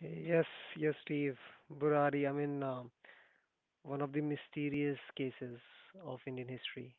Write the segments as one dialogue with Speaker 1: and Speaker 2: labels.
Speaker 1: Yes, yes, Steve. Burari, I mean, one of the mysterious cases of Indian history.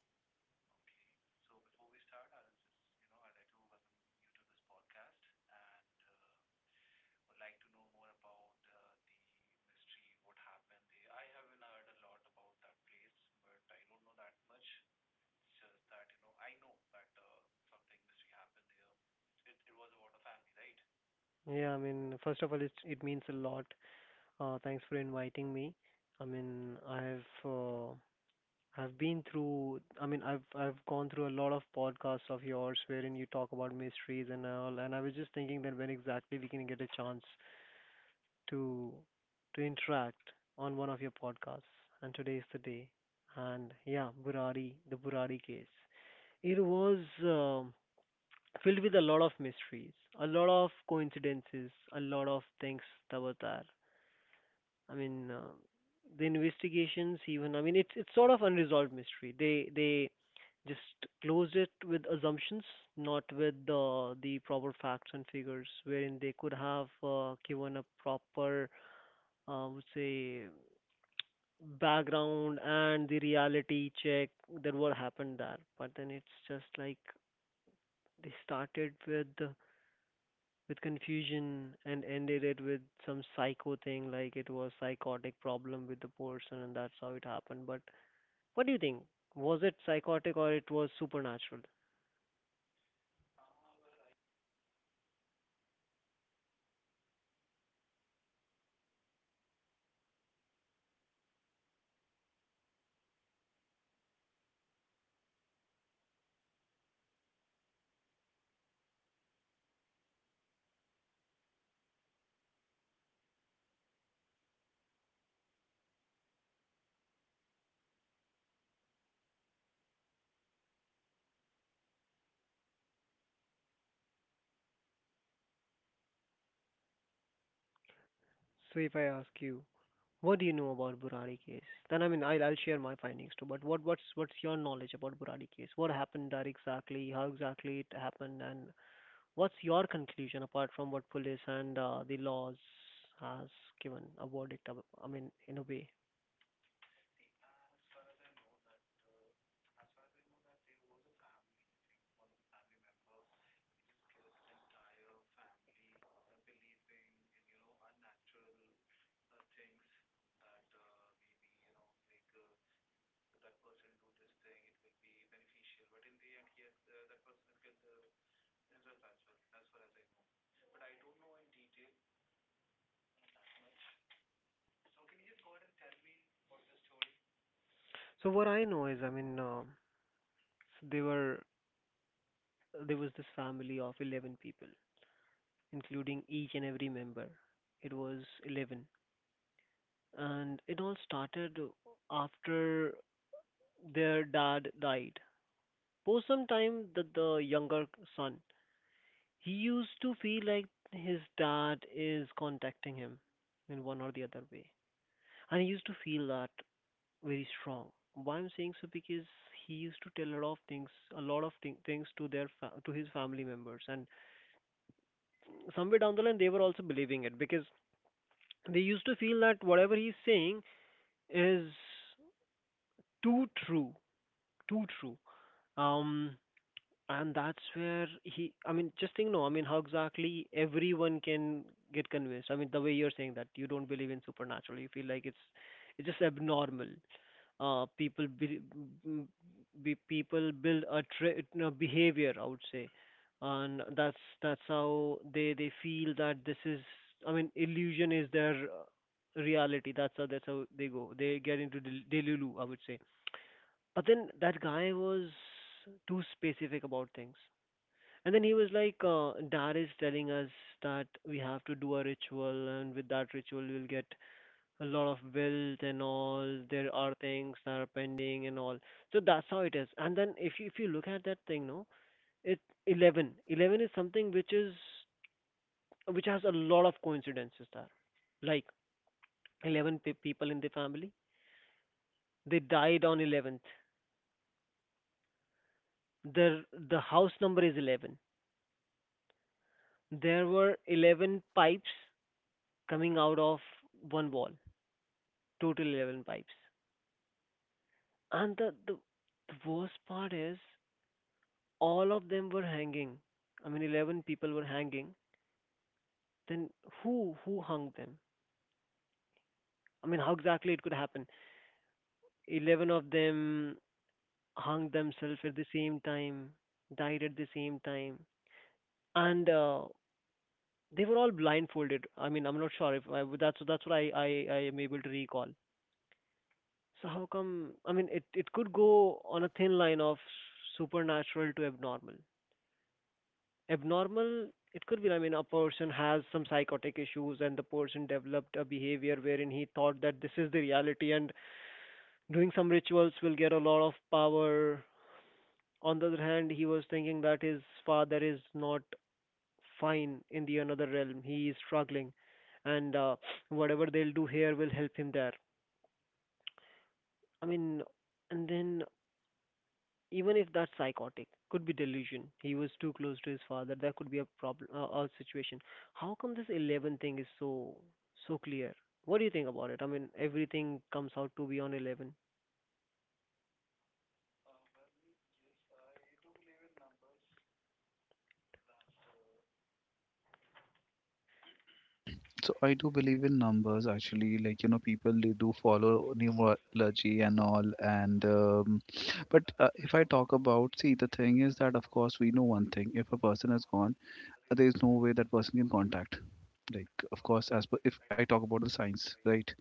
Speaker 1: Yeah, I mean, first of all, it means a lot. Thanks for inviting me. I mean, I've been through. I mean, I've gone through a lot of podcasts of yours wherein you talk about mysteries and all. And I was just thinking that when exactly we can get a chance to to interact on one of your podcasts. And today is the day. And yeah, Burari, the Burari case. It was filled with a lot of mysteries, a lot of coincidences, a lot of things that were there. I mean, the investigations even. I mean, it's sort of unresolved mystery. They just closed it with assumptions, not with the proper facts and figures, wherein they could have given a proper, would say, background and the reality check that what happened there. But then it's just like they started with confusion and ended it with some psycho thing, like it was psychotic problem with the person and that's how it happened, but what do you think? Was it psychotic, or it was supernatural? So if I ask you, what do you know about Burari case? Then, I mean, I'll share my findings too, but what's your knowledge about Burari case? What happened there exactly? How exactly it happened, and what's your conclusion apart from what police and the laws has given a verdict? I mean, in a way. So what I know is, I mean, So they were there was this family of 11 people, including each and every member. It was 11, and it all started after their dad died. For some time, the younger son, he used to feel like his dad is contacting him in one or the other way, and he used to feel that very strong. Why I'm saying so? Because he used to tell a lot of things, a lot of thing, things to to his family members, and somewhere down the line they were also believing it, because they used to feel that whatever he's saying is too true, too true. um and that's where he, I mean, just think, no, I mean, how exactly everyone can get convinced? I mean, the way you're saying that you don't believe in supernatural, you feel like it's just abnormal. People be People build a tra- no, behavior, I would say. And that's how they feel that this is, I mean, illusion is their reality. That's how, they go they get into delulu, I would say. But then that guy was too specific about things, and then he was like, dad is telling us that we have to do a ritual, and with that ritual we'll get a lot of bills and all. There are things that are pending and all. So that's how it is. And then if you look at that thing, no, it's 11. 11 is something which is which has a lot of coincidences there. Like 11 people in the family, they died on 11th. Their, the house number is 11. There were 11 pipes coming out of one wall, total 11 pipes. And the worst part is, all of them were hanging, I mean, 11 people were hanging. Then who hung them? I mean, how exactly it could happen? 11 of them hung themselves and died at the same time. And they were all blindfolded. I mean, I'm not sure if I, that's what I am able to recall. So how come? I mean, it could go on a thin line of supernatural to abnormal. Abnormal, it could be, I mean, a person has some psychotic issues, and the person developed a behavior wherein he thought that this is the reality, and doing some rituals will get a lot of power. On the other hand, he was thinking that his father is not fine, in the another realm he is struggling, and whatever they'll do here will help him there. I mean, and then, even if that's psychotic, could be delusion. He was too close to his father, that could be a problem, a situation. How come this 11 thing is so clear? What do you think about it? I mean, everything comes out to be on 11.
Speaker 2: So I do believe in numbers actually. Like you know, people they do follow numerology and all. And but if I talk about, see, the thing is that of course we know one thing. If a person has gone, there is no way that person can contact. Like of course, as per if I talk about the science, right?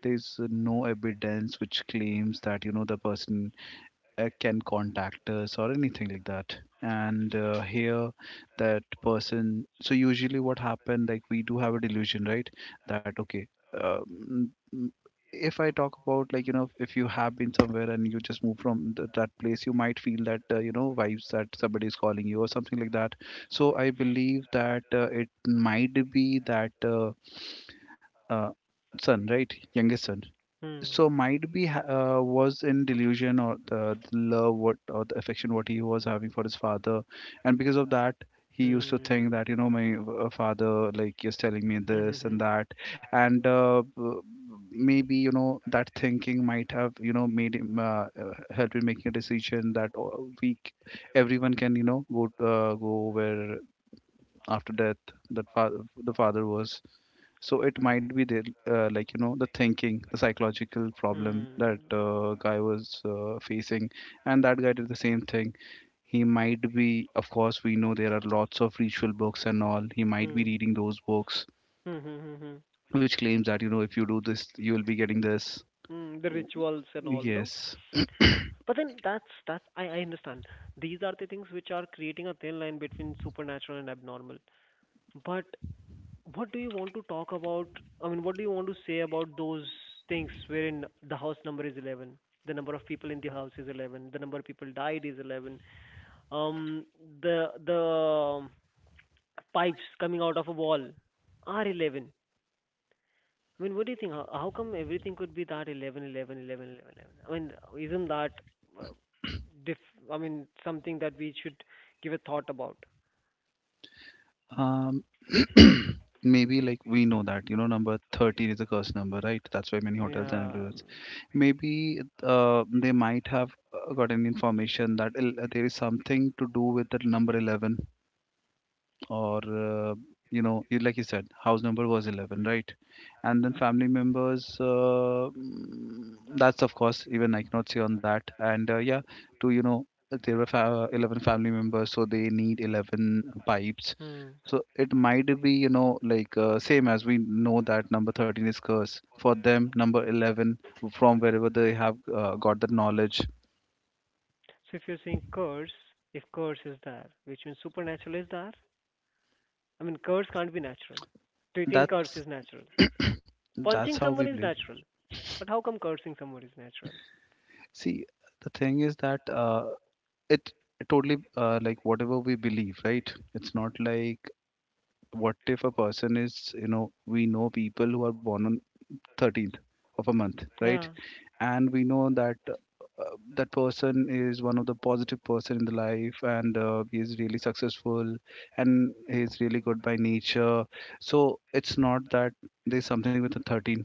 Speaker 2: There is no evidence which claims that you know the person can contact us or anything like that and here that person so usually what happened like we do have a delusion, right? That okay, um, if I talk about, like you know, if you have been somewhere and you just move from that place, you might feel that you know vibes that somebody is calling you or something like that. So I believe that it might be that uh, son, right? Youngest son.
Speaker 1: Hmm.
Speaker 2: So might be was in delusion, or the love what or the affection what he was having for his father, and because of that he used to think
Speaker 1: Hmm.
Speaker 2: that you know my father like is telling me this
Speaker 1: Mm-hmm.
Speaker 2: and that. and uh, b- Maybe you know that thinking might have you know made him help in making a decision that we everyone can you know go go where after death. That father, the father was, so it might be the like you know the thinking, the psychological problem that
Speaker 1: Hmm.
Speaker 2: guy was facing. And that guy did the same thing. He might be, of course we know there are lots of ritual books and all, he might be
Speaker 1: Hmm.
Speaker 2: reading those books
Speaker 1: Hmm. Hmm. Hmm.
Speaker 2: which claims that you know if you do this you will be getting this.
Speaker 1: Hmm. The rituals and all, no?
Speaker 2: Yes.
Speaker 1: But then, that's I understand, these are the things which are creating a thin line between supernatural and abnormal. But what do you want to talk about? I mean, what do you want to say about those things wherein the house number is 11, the number of people in the house is 11, the number of people died is 11, um, the pipes coming out of a wall are 11. I mean, what do you think? How come everything could be that 11, 11, 11, 11, 11? I mean, isn't that uh, diff? I mean, something that we should give a thought about.
Speaker 2: um maybe like we know that you know number 13 is a curse number, right? That's why many hotels and
Speaker 1: Yeah.
Speaker 2: everywhere maybe they might have gotten information that there is something to do with the number 11. Or you know, you like you said house number was 11, right? And then family members, that's of course even I cannot say on that. And yeah, to you know there were 11 family members, so they need 11 pipes.
Speaker 1: Hmm.
Speaker 2: So it might be you know like same as we know that number 13 is curse for them, number 11, from wherever they have got the knowledge.
Speaker 1: So if you're saying curse, if curse is there, which means supernatural is there, I mean, curse can't be natural. Do you think curse
Speaker 2: That's
Speaker 1: is natural?
Speaker 2: that's
Speaker 1: Punching
Speaker 2: how we
Speaker 1: someone is
Speaker 2: believe.
Speaker 1: natural, but how come cursing someone is natural?
Speaker 2: See, the thing is that it totally like whatever we believe, right? It's not like, what if a person is, you know, we know people who are born on 13th of a month, right?
Speaker 1: Yeah.
Speaker 2: And we know that that person is one of the positive person in the life and he is really successful and he is really good by nature. So it's not that there's something with a 13,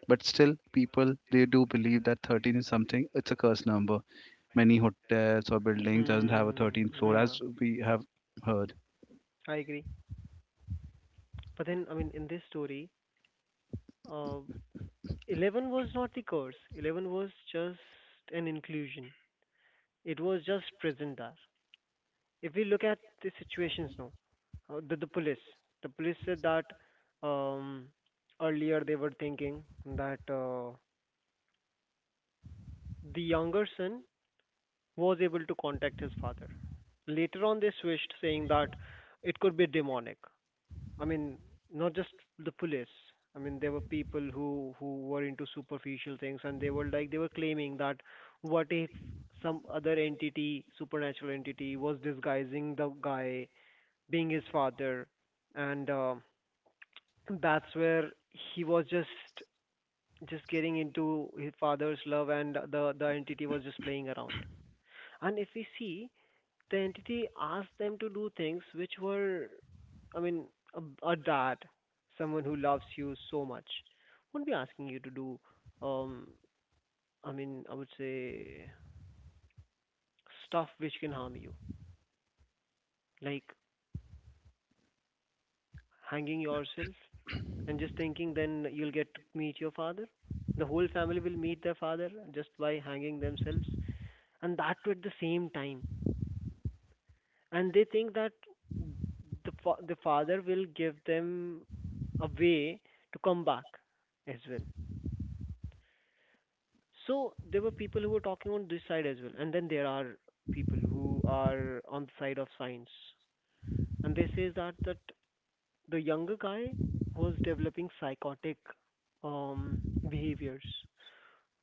Speaker 2: but still people they do believe that 13 is something, it's a cursed number. Many hotels or buildings doesn't have a
Speaker 1: Mm,
Speaker 2: 13th floor,
Speaker 1: yeah.
Speaker 2: as we have heard.
Speaker 1: I agree. But then, I mean, in this story, uh, 11 was not the curse. 11 was just an inclusion. It was just present there. If we look at the situations now, the police. The police said that, um, earlier they were thinking that the younger son was able to contact his father. Later on, they switched, saying that it could be demonic. I mean, not just the police. I mean, there were people who were into superficial things, and they were like, they were claiming that what if some other entity, supernatural entity, was disguising the guy being his father, and that's where he was just getting into his father's love, and the entity was just playing around. And if we see, the entity asked them to do things which were, I mean, a dad, someone who loves you so much, wouldn't be asking you to do, um I mean, I would say, stuff which can harm you, like hanging yourself, and just thinking then you'll get to meet your father. The whole family will meet their father just by hanging themselves, and that too at the same time. And they think that the father will give them a way to come back as well. So there were people who were talking on this side as well, and then there are people who are on the side of science, and they say that the younger guy was developing psychotic, um behaviors,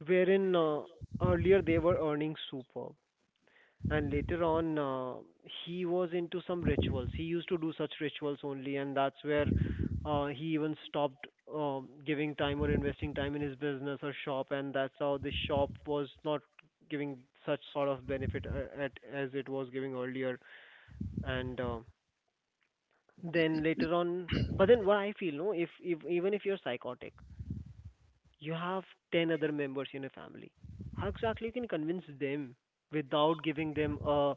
Speaker 1: wherein earlier they were earning super, and later on he was into some rituals. He used to do such rituals only, and that's where he even stopped giving time or investing time in his business or shop. And that's how the shop was not giving such sort of benefit, as it was giving earlier. And then later on. But then what I feel, no, if even if you're psychotic, you have 10 other members in a family. How exactly you can convince them without giving them a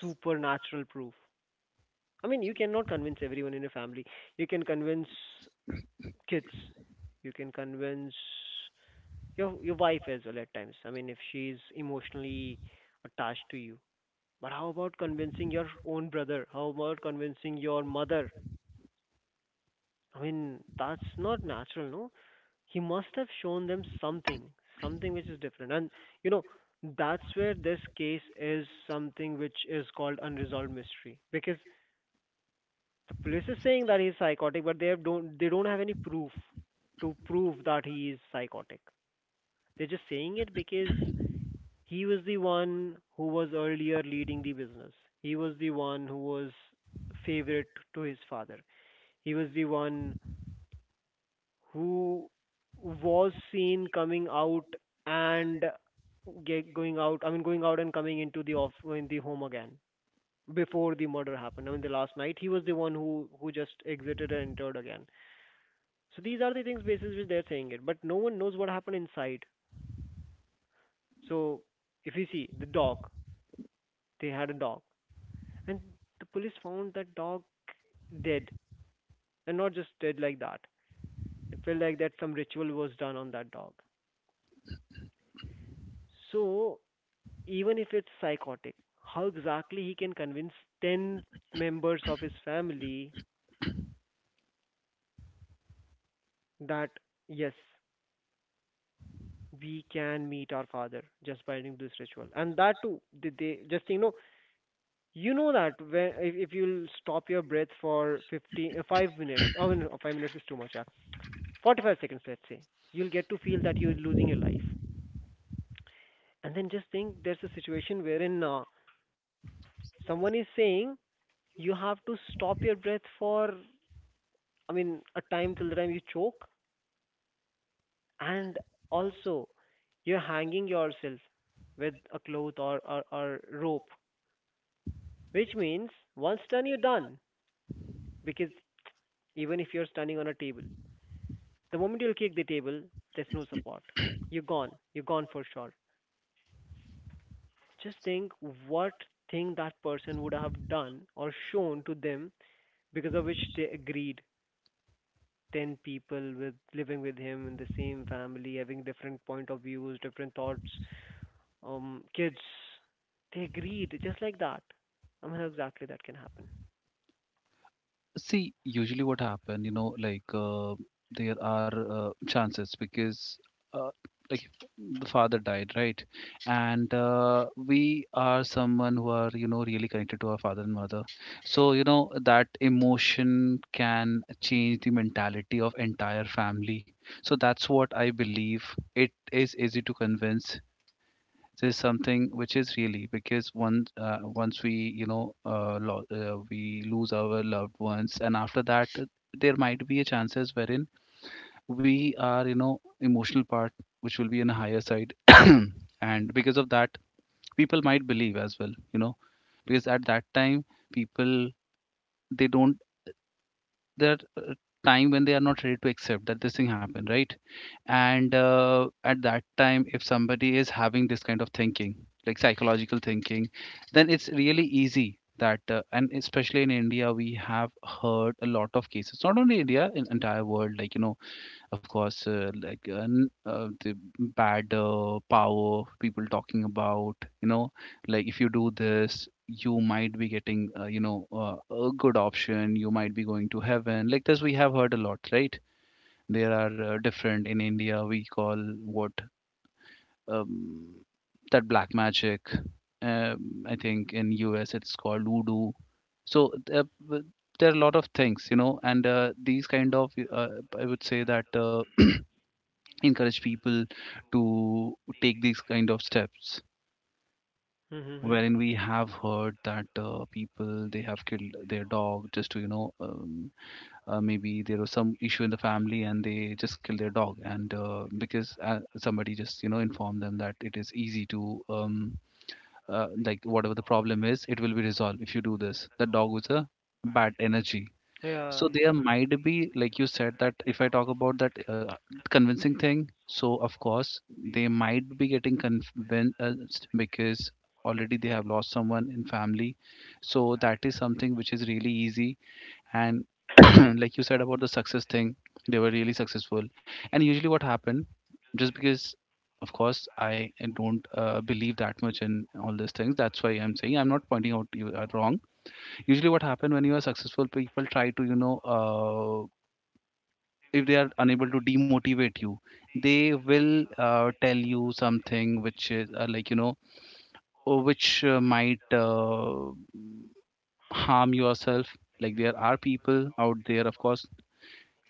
Speaker 1: supernatural proof? I mean, you cannot convince everyone in your family. You can convince kids. You can convince your wife as well at times. I mean, if she's emotionally attached to you. But how about convincing your own brother? How about convincing your mother? I mean, that's not natural, no? He must have shown them something, something which is different. And, you know, that's where this case is something which is called unresolved mystery, because the police is saying that he's psychotic, but they have don't they don't have any proof to prove that he is psychotic. They're just saying it because he was the one who was earlier leading the business. He was the one who was favorite to his father. He was the one who was seen coming out and going out. I mean, going out and coming into the off in the home again before the murder happened. I mean, the last night, he was the one who just exited and entered again. So these are the things basis which they're saying it, but no one knows what happened inside. So if you see the dog, they had a dog, and the police found that dog dead, and not just dead like that. It felt like that some ritual was done on that dog. So, even if it's psychotic, how exactly he can convince ten members of his family that yes, we can meet our father just by doing this ritual, and that too, they just. You know that when if you'll stop your breath for 15, 5 minutes, oh no, 5 minutes is too much, yeah. 45 seconds, let's say, you'll get to feel that you're losing your life. And then just think there's a situation wherein someone is saying you have to stop your breath for, I mean, a time till the time you choke. And also, you're hanging yourself with a cloth or rope, which means once done, you're done. Because even if you're standing on a table, the moment you'll kick the table, there's no support. You're gone. You're gone for sure. Just think what thing that person would have done or shown to them because of which they agreed. 10 people with living with him in the same family, having different point of views, different thoughts, kids. They agreed just like that. I mean, how exactly that can happen.
Speaker 2: See, usually what happen, you know, like there are chances because uh, like if the father died, right? And we are someone who are you know really connected to our father and mother, so you know that emotion can change the mentality of entire family. So that's what I believe. It is easy to convince, this is something which is really, because once we you know we lose our loved ones, and after that there might be a chances wherein we are you know emotional part which will be on a higher side. And because of that, people might believe as well, you know, because at that time people they don't, their time when they are not ready to accept that this thing happened, right? And at that time if somebody is having this kind of thinking, like psychological thinking, then it's really easy that and especially in India we have heard a lot of cases, not only India, in entire world, like you know, of course the bad power people talking about, you know, like if you do this you might be getting you know a good option, you might be going to heaven, like this we have heard a lot, right? There are different in India. We call what, um, that black magic. I think in US it's called voodoo. So there are a lot of things, you know, and these kind of I would say that encourage people to take these kind of steps
Speaker 1: Mm-hmm.
Speaker 2: wherein we have heard that people they have killed their dog just to you know maybe there was some issue in the family and they just killed their dog and because somebody just you know informed them that it is easy to like whatever the problem is it will be resolved if you do this, the dog was a bad energy.
Speaker 1: Yeah,
Speaker 2: So there might be like you said that if I talk about that convincing thing, so of course they might be getting convinced because already they have lost someone in family. So that is something which is really easy. And like you said about the success thing, they were really successful, and usually what happened, just because of course I don't believe that much in all these things, that's why I'm saying I'm not pointing out you are wrong. Usually what happened when you are successful, people try to you know if they are unable to demotivate you, they will tell you something which is like you know or which might harm yourself. Like there are people out there, of course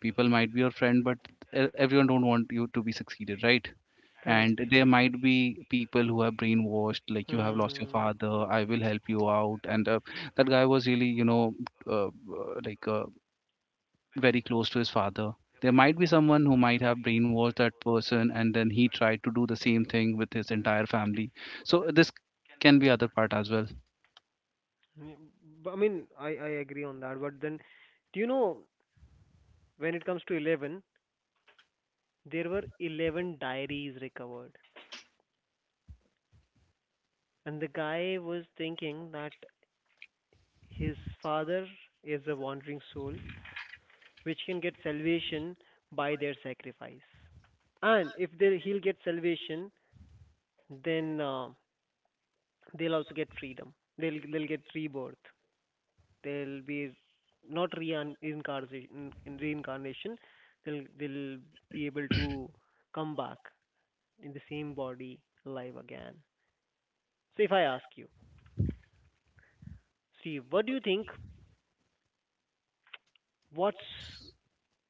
Speaker 2: people might be your friend, but everyone don't want you to be succeeded, right?
Speaker 1: correct.
Speaker 2: And there might be people who are brainwashed, like you have lost your
Speaker 1: Hmm.
Speaker 2: father, I will help you out. And that guy was really you know uh, uh, like uh, very close to his father. There might be someone who might have brainwashed that person, and then he tried to do the same thing with his entire family. So this can be other part as well.
Speaker 1: Yeah, I mean, I agree on that. But then, do you know? When it comes to 11, there were 11 diaries recovered, and the guy was thinking that his father is a wandering soul which can get salvation by their sacrifice, and if he'll get salvation, then they'll also get freedom, they'll get rebirth, they'll be not reincarnation in reincarnation, they'll be able to come back in the same body, alive again. So if I ask you, see, what do you think? What's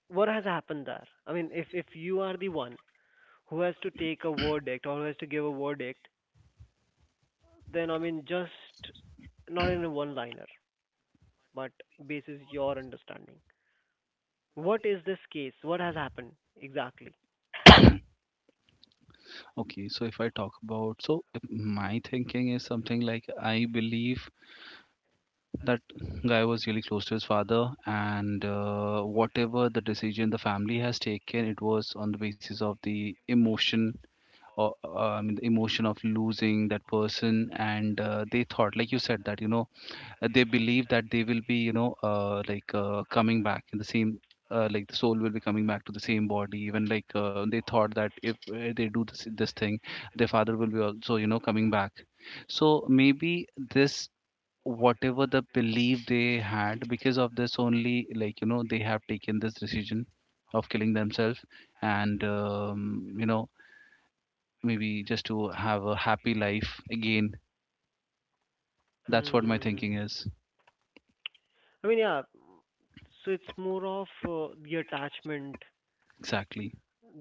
Speaker 1: what has happened there? I mean, if you are the one who has to take a verdict or who has to give a verdict, then I mean, just not in a one-liner, but basis your understanding. What is this case? What has happened exactly?
Speaker 2: Okay, so if I talk about, so if my thinking is something, like I believe that guy was really close to his father, and whatever the decision the family has taken, it was on the basis of the emotion, or I mean the emotion of losing that person. And they thought, like you said that you know they believe that they will be you know coming back in the same like the soul will be coming back to the same body, even like they thought that if they do this this thing, their father will be also you know coming back. So maybe this, whatever the belief they had, because of this only, like you know, they have taken this decision of killing themselves, and you know, maybe just to have a happy life again. That's what my
Speaker 1: Hmm.
Speaker 2: thinking is.
Speaker 1: I mean, yeah. So it's more of the attachment,
Speaker 2: Exactly.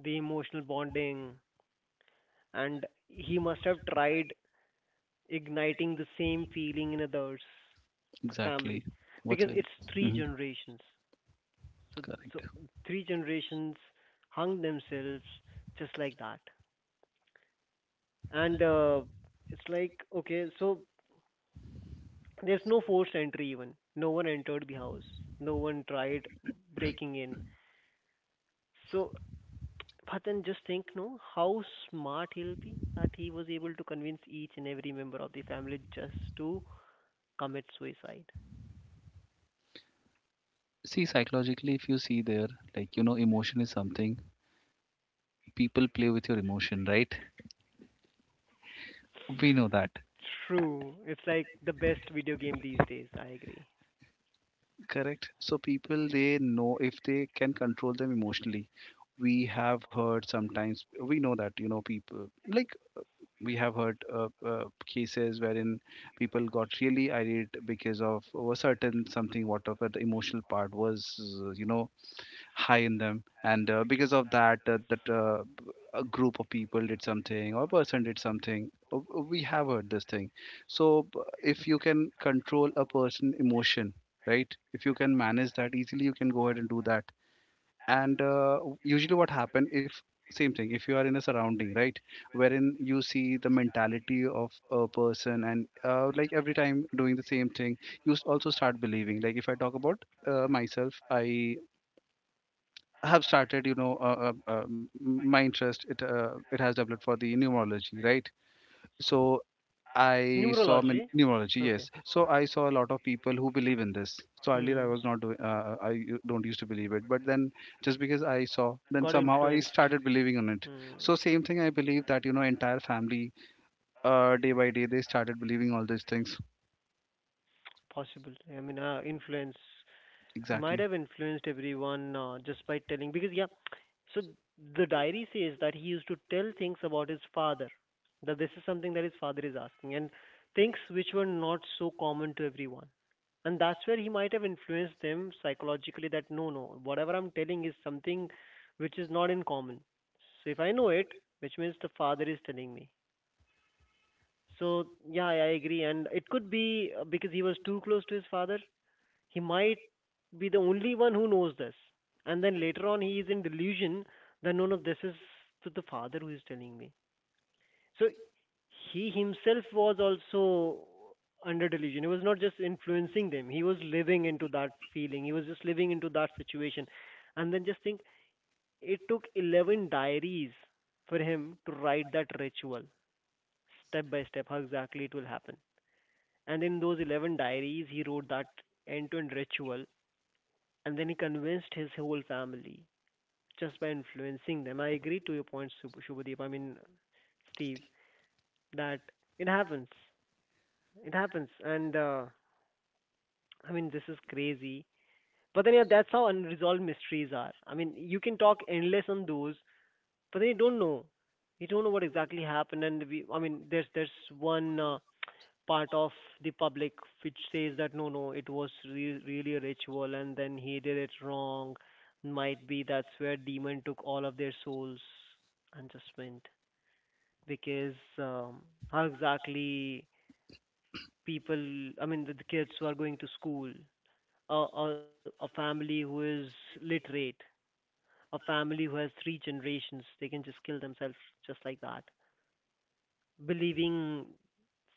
Speaker 1: the emotional bonding, and he must have tried igniting the same feeling in others, the
Speaker 2: Exactly.
Speaker 1: family,
Speaker 2: What's
Speaker 1: because
Speaker 2: I.
Speaker 1: it's three
Speaker 2: Mhm.
Speaker 1: generations. So,
Speaker 2: Correct.
Speaker 1: so three generations hung themselves just like that, and it's like okay, so there's no forced entry even. No one entered the house. No one tried breaking in. So, but then just think, no, how smart he'll be that he was able to convince each and every member of the family just to commit suicide.
Speaker 2: See, psychologically if you see there, like you know, emotion is something, people play with your emotion, right? We know that.
Speaker 1: True. It's like the best video game these days. I agree.
Speaker 2: Correct. So people they know if they can control them emotionally. We have heard sometimes we know that you know people like, we have heard cases wherein people got really irate because of a certain something, whatever the emotional part was you know high in them, and because of that a group of people did something or a person did something. We have heard this thing. So b- if you can control a person emotion, right? If you can manage that easily, you can go ahead and do that. And usually what happen, if same thing, if you are in a surrounding, right, wherein you see the mentality of a person, and like every time doing the same thing, you also start believing. Like if I talk about myself, I have started you know my interest, it has developed for the numerology, right? So I saw
Speaker 1: Numerology.
Speaker 2: neurology, yes,
Speaker 1: Okay.
Speaker 2: so I saw a lot of people who believe in this, so earlier I
Speaker 1: Hmm.
Speaker 2: was not doing I don't used to believe it, but then just because I saw, then
Speaker 1: Got
Speaker 2: somehow I
Speaker 1: influenced.
Speaker 2: started believing on it.
Speaker 1: Hmm.
Speaker 2: So same thing, I believe that you know entire family day by day they started believing all these things.
Speaker 1: Possible. I mean, influence. He might
Speaker 2: Exactly.
Speaker 1: have influenced everyone just by telling. Because yeah. So the diary says that he used to tell things about his father. That this is something that his father is asking, and things which were not so common to everyone. And that's where he might have influenced them psychologically that no, no, whatever I'm telling is something which is not in common. So if I know it, which means the father is telling me. So yeah, I agree, and it could be because he was too close to his father. He might be the only one who knows this, and then later on he is in delusion that no, no, this is to the father who is telling me. So he himself was also under delusion. He was not just influencing them. He was living into that feeling. He was just living into that situation. And then just think, it took 11 diaries for him to write that ritual step by step, how exactly it will happen. And in those 11 diaries, he wrote that end to end ritual. And then he convinced his whole family just by influencing them. I agree to your point, Shubhadeep. I mean, Steve, that it happens. It happens, and I mean, this is crazy. But then, yeah, that's how unresolved mysteries are. I mean, you can talk endless on those, but then you don't know. You don't know what exactly happened, and we. I mean, there's one part of the public which says that no, no, it was really a ritual, and then he did it wrong. Might be that's where demon took all of their souls and just went because how exactly people? I mean, the kids who are going to school, a family who is literate, a family who has three generations, they can just kill themselves just like that. Believing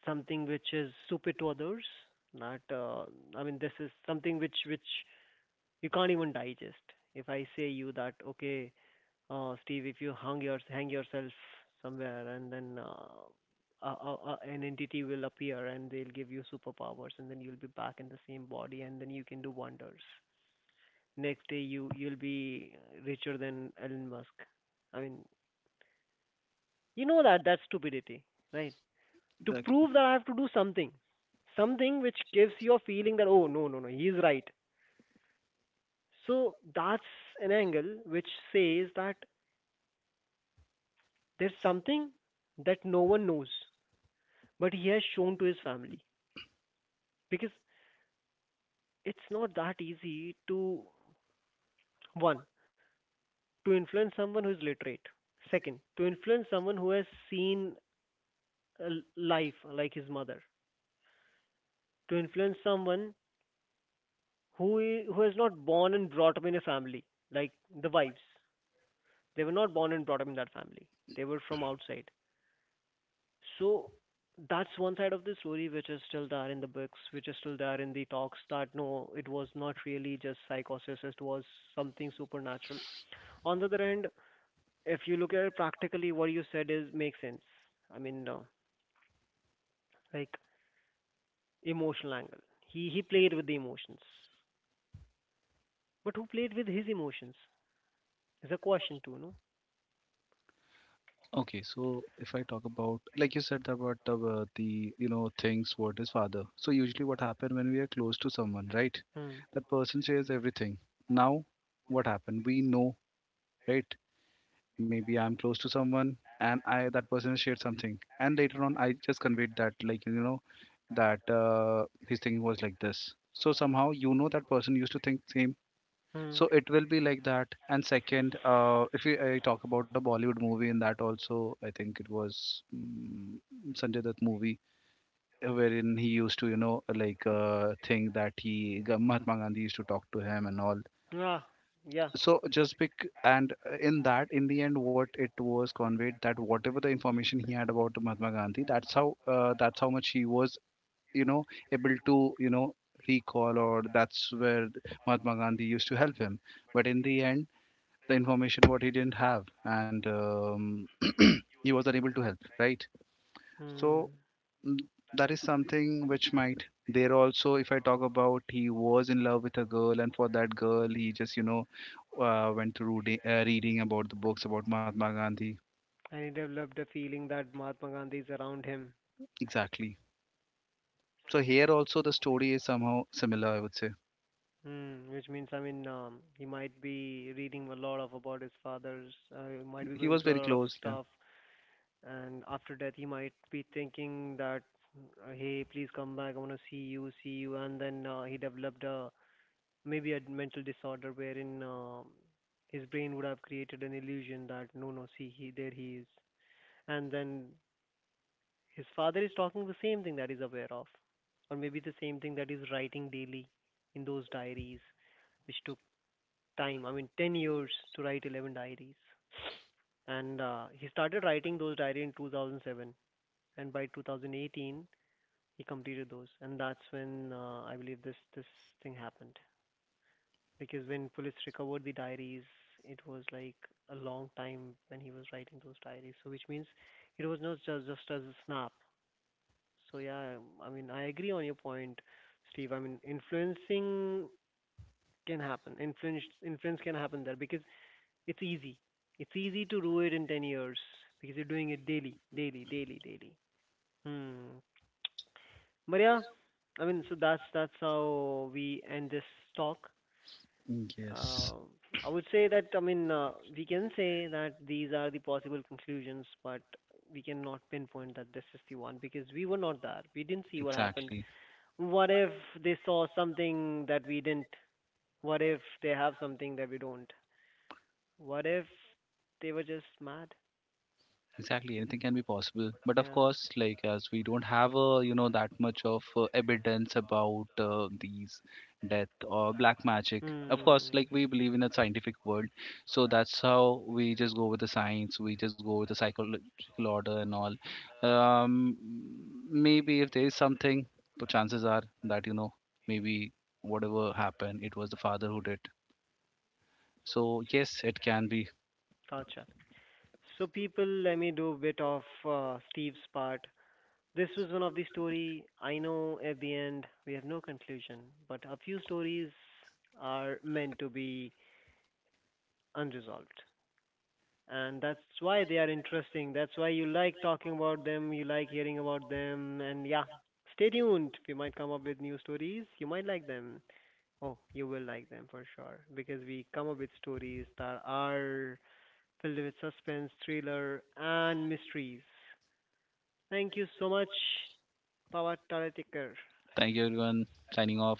Speaker 1: something which is super to others, that I mean, this is something which you can't even digest. If I say you that okay, Steve, if you hang your hang yourself somewhere and then, an entity will appear and they'll give you superpowers, and then you'll be back in the same body, and then you can do wonders. Next day you you'll be richer than Elon Musk. I mean, you know that that's stupidity, right? To
Speaker 2: Exactly.
Speaker 1: prove that I have to do something, something which gives you a feeling that oh no, no, no, he's right. So that's an angle which says that there's something that no one knows, but he has shown to his family because it's not that easy to, one, to influence someone who is literate, second, to influence someone who has seen life like his mother, to influence someone who is not born and brought up in a family like the wives. They were not born and brought up in that family. They were from outside. So that's one side of the story, which is still there in the books, which is still there in the talks, that no, it was not really just psychosis, it was something supernatural. On the other hand, if you look at it practically, what you said is makes sense. I mean, like, emotional angle, he played with the emotions. But who played with his emotions is a question too, no?
Speaker 2: Okay, so if I talk about, like you said about the you know things, what is father? So usually, what happened when we are close to someone, right?
Speaker 1: Mm.
Speaker 2: That person shares everything. Now, what happened? We know, right? Maybe I'm close to someone, and I that person has shared something, and later on, I just conveyed that, like you know, that his thinking was like this. So somehow, you know, that person used to think same,
Speaker 1: Mm.
Speaker 2: so it will be like that. And second, if we I talk about a Bollywood movie, in that also, I think it was Sanjay Dutt movie, wherein he used to, you know, like think that Mahatma Gandhi used to talk to him and all.
Speaker 1: Yeah. Yeah.
Speaker 2: So just pick, and in that, in the end, what it was conveyed, that whatever the information he had about Mahatma Gandhi, that's how much he was, you know, able to, you know, recall, or that's where Mahatma Gandhi used to help him. But in the end, the information what he didn't have, and he was unable to help, right? so
Speaker 1: Mm.
Speaker 2: mm, that is something which might, there also if I talk about, he was in love with a girl, and for that girl he just you know reading about the books about Mahatma Gandhi.
Speaker 1: And he developed a feeling that Mahatma Gandhi is around him.
Speaker 2: Exactly. So here also the story is somehow similar, I would say.
Speaker 1: Mm. Which means, I mean, he might be reading a lot of about his father's. He might be
Speaker 2: He
Speaker 1: going
Speaker 2: was very
Speaker 1: through a lot of
Speaker 2: close, yeah.
Speaker 1: stuff, and after death, he might be thinking that, hey, please come back. I want to see you. And then he developed a maybe a mental disorder wherein his brain would have created an illusion that no, no, see, he there he is. And then his father is talking the same thing that he's aware of, or maybe the same thing that he's writing daily in those diaries, which took time. I mean, 10 years to write 11 diaries. And he started writing those diaries in 2007, and by 2018 he completed those, and that's when I believe this thing happened. Because when police recovered the diaries, it was like a long time when he was writing those diaries. So which means it was not just as a snap. So yeah, I mean, I agree on your point, Steve. I mean, influencing can happen. Influence can happen there because it's easy. It's easy to do it in 10 years because you're doing it daily, daily, daily, daily. Hmm. But yeah, I mean, so that's how we end this talk.
Speaker 2: Yes.
Speaker 1: Uh, I would say that I mean we can say that these are the possible conclusions, but we cannot pinpoint that this is the one because we were not there. We didn't see what happened.
Speaker 2: Exactly.
Speaker 1: What if they saw something that we didn't? What if they have something that we don't? What if they were just mad?
Speaker 2: Exactly, anything can be possible. But of
Speaker 1: Yeah.
Speaker 2: course, like as we don't have a you know that much of evidence about these death or black magic. Of course,
Speaker 1: Hmm.
Speaker 2: like we believe in a scientific world, so that's how we just go with the science. We just go with the psychological order and all. Um, maybe if there is something, but chances are that you know maybe whatever happened, it was the father who did. So yes, it can be.
Speaker 1: Gotcha. So people, let me do a bit of Steve's part. This was one of the story. I know at the end we have no conclusion, but a few stories are meant to be unresolved. And that's why they are interesting. That's why you like talking about them, you like hearing about them, and yeah, stay tuned. We might come up with new stories. You might like them. Oh, you will like them for sure because we come up with stories that are filled with suspense, thriller, and mysteries. Thank you so much, Pawat Taratikar.
Speaker 2: Thank you, everyone. Signing off.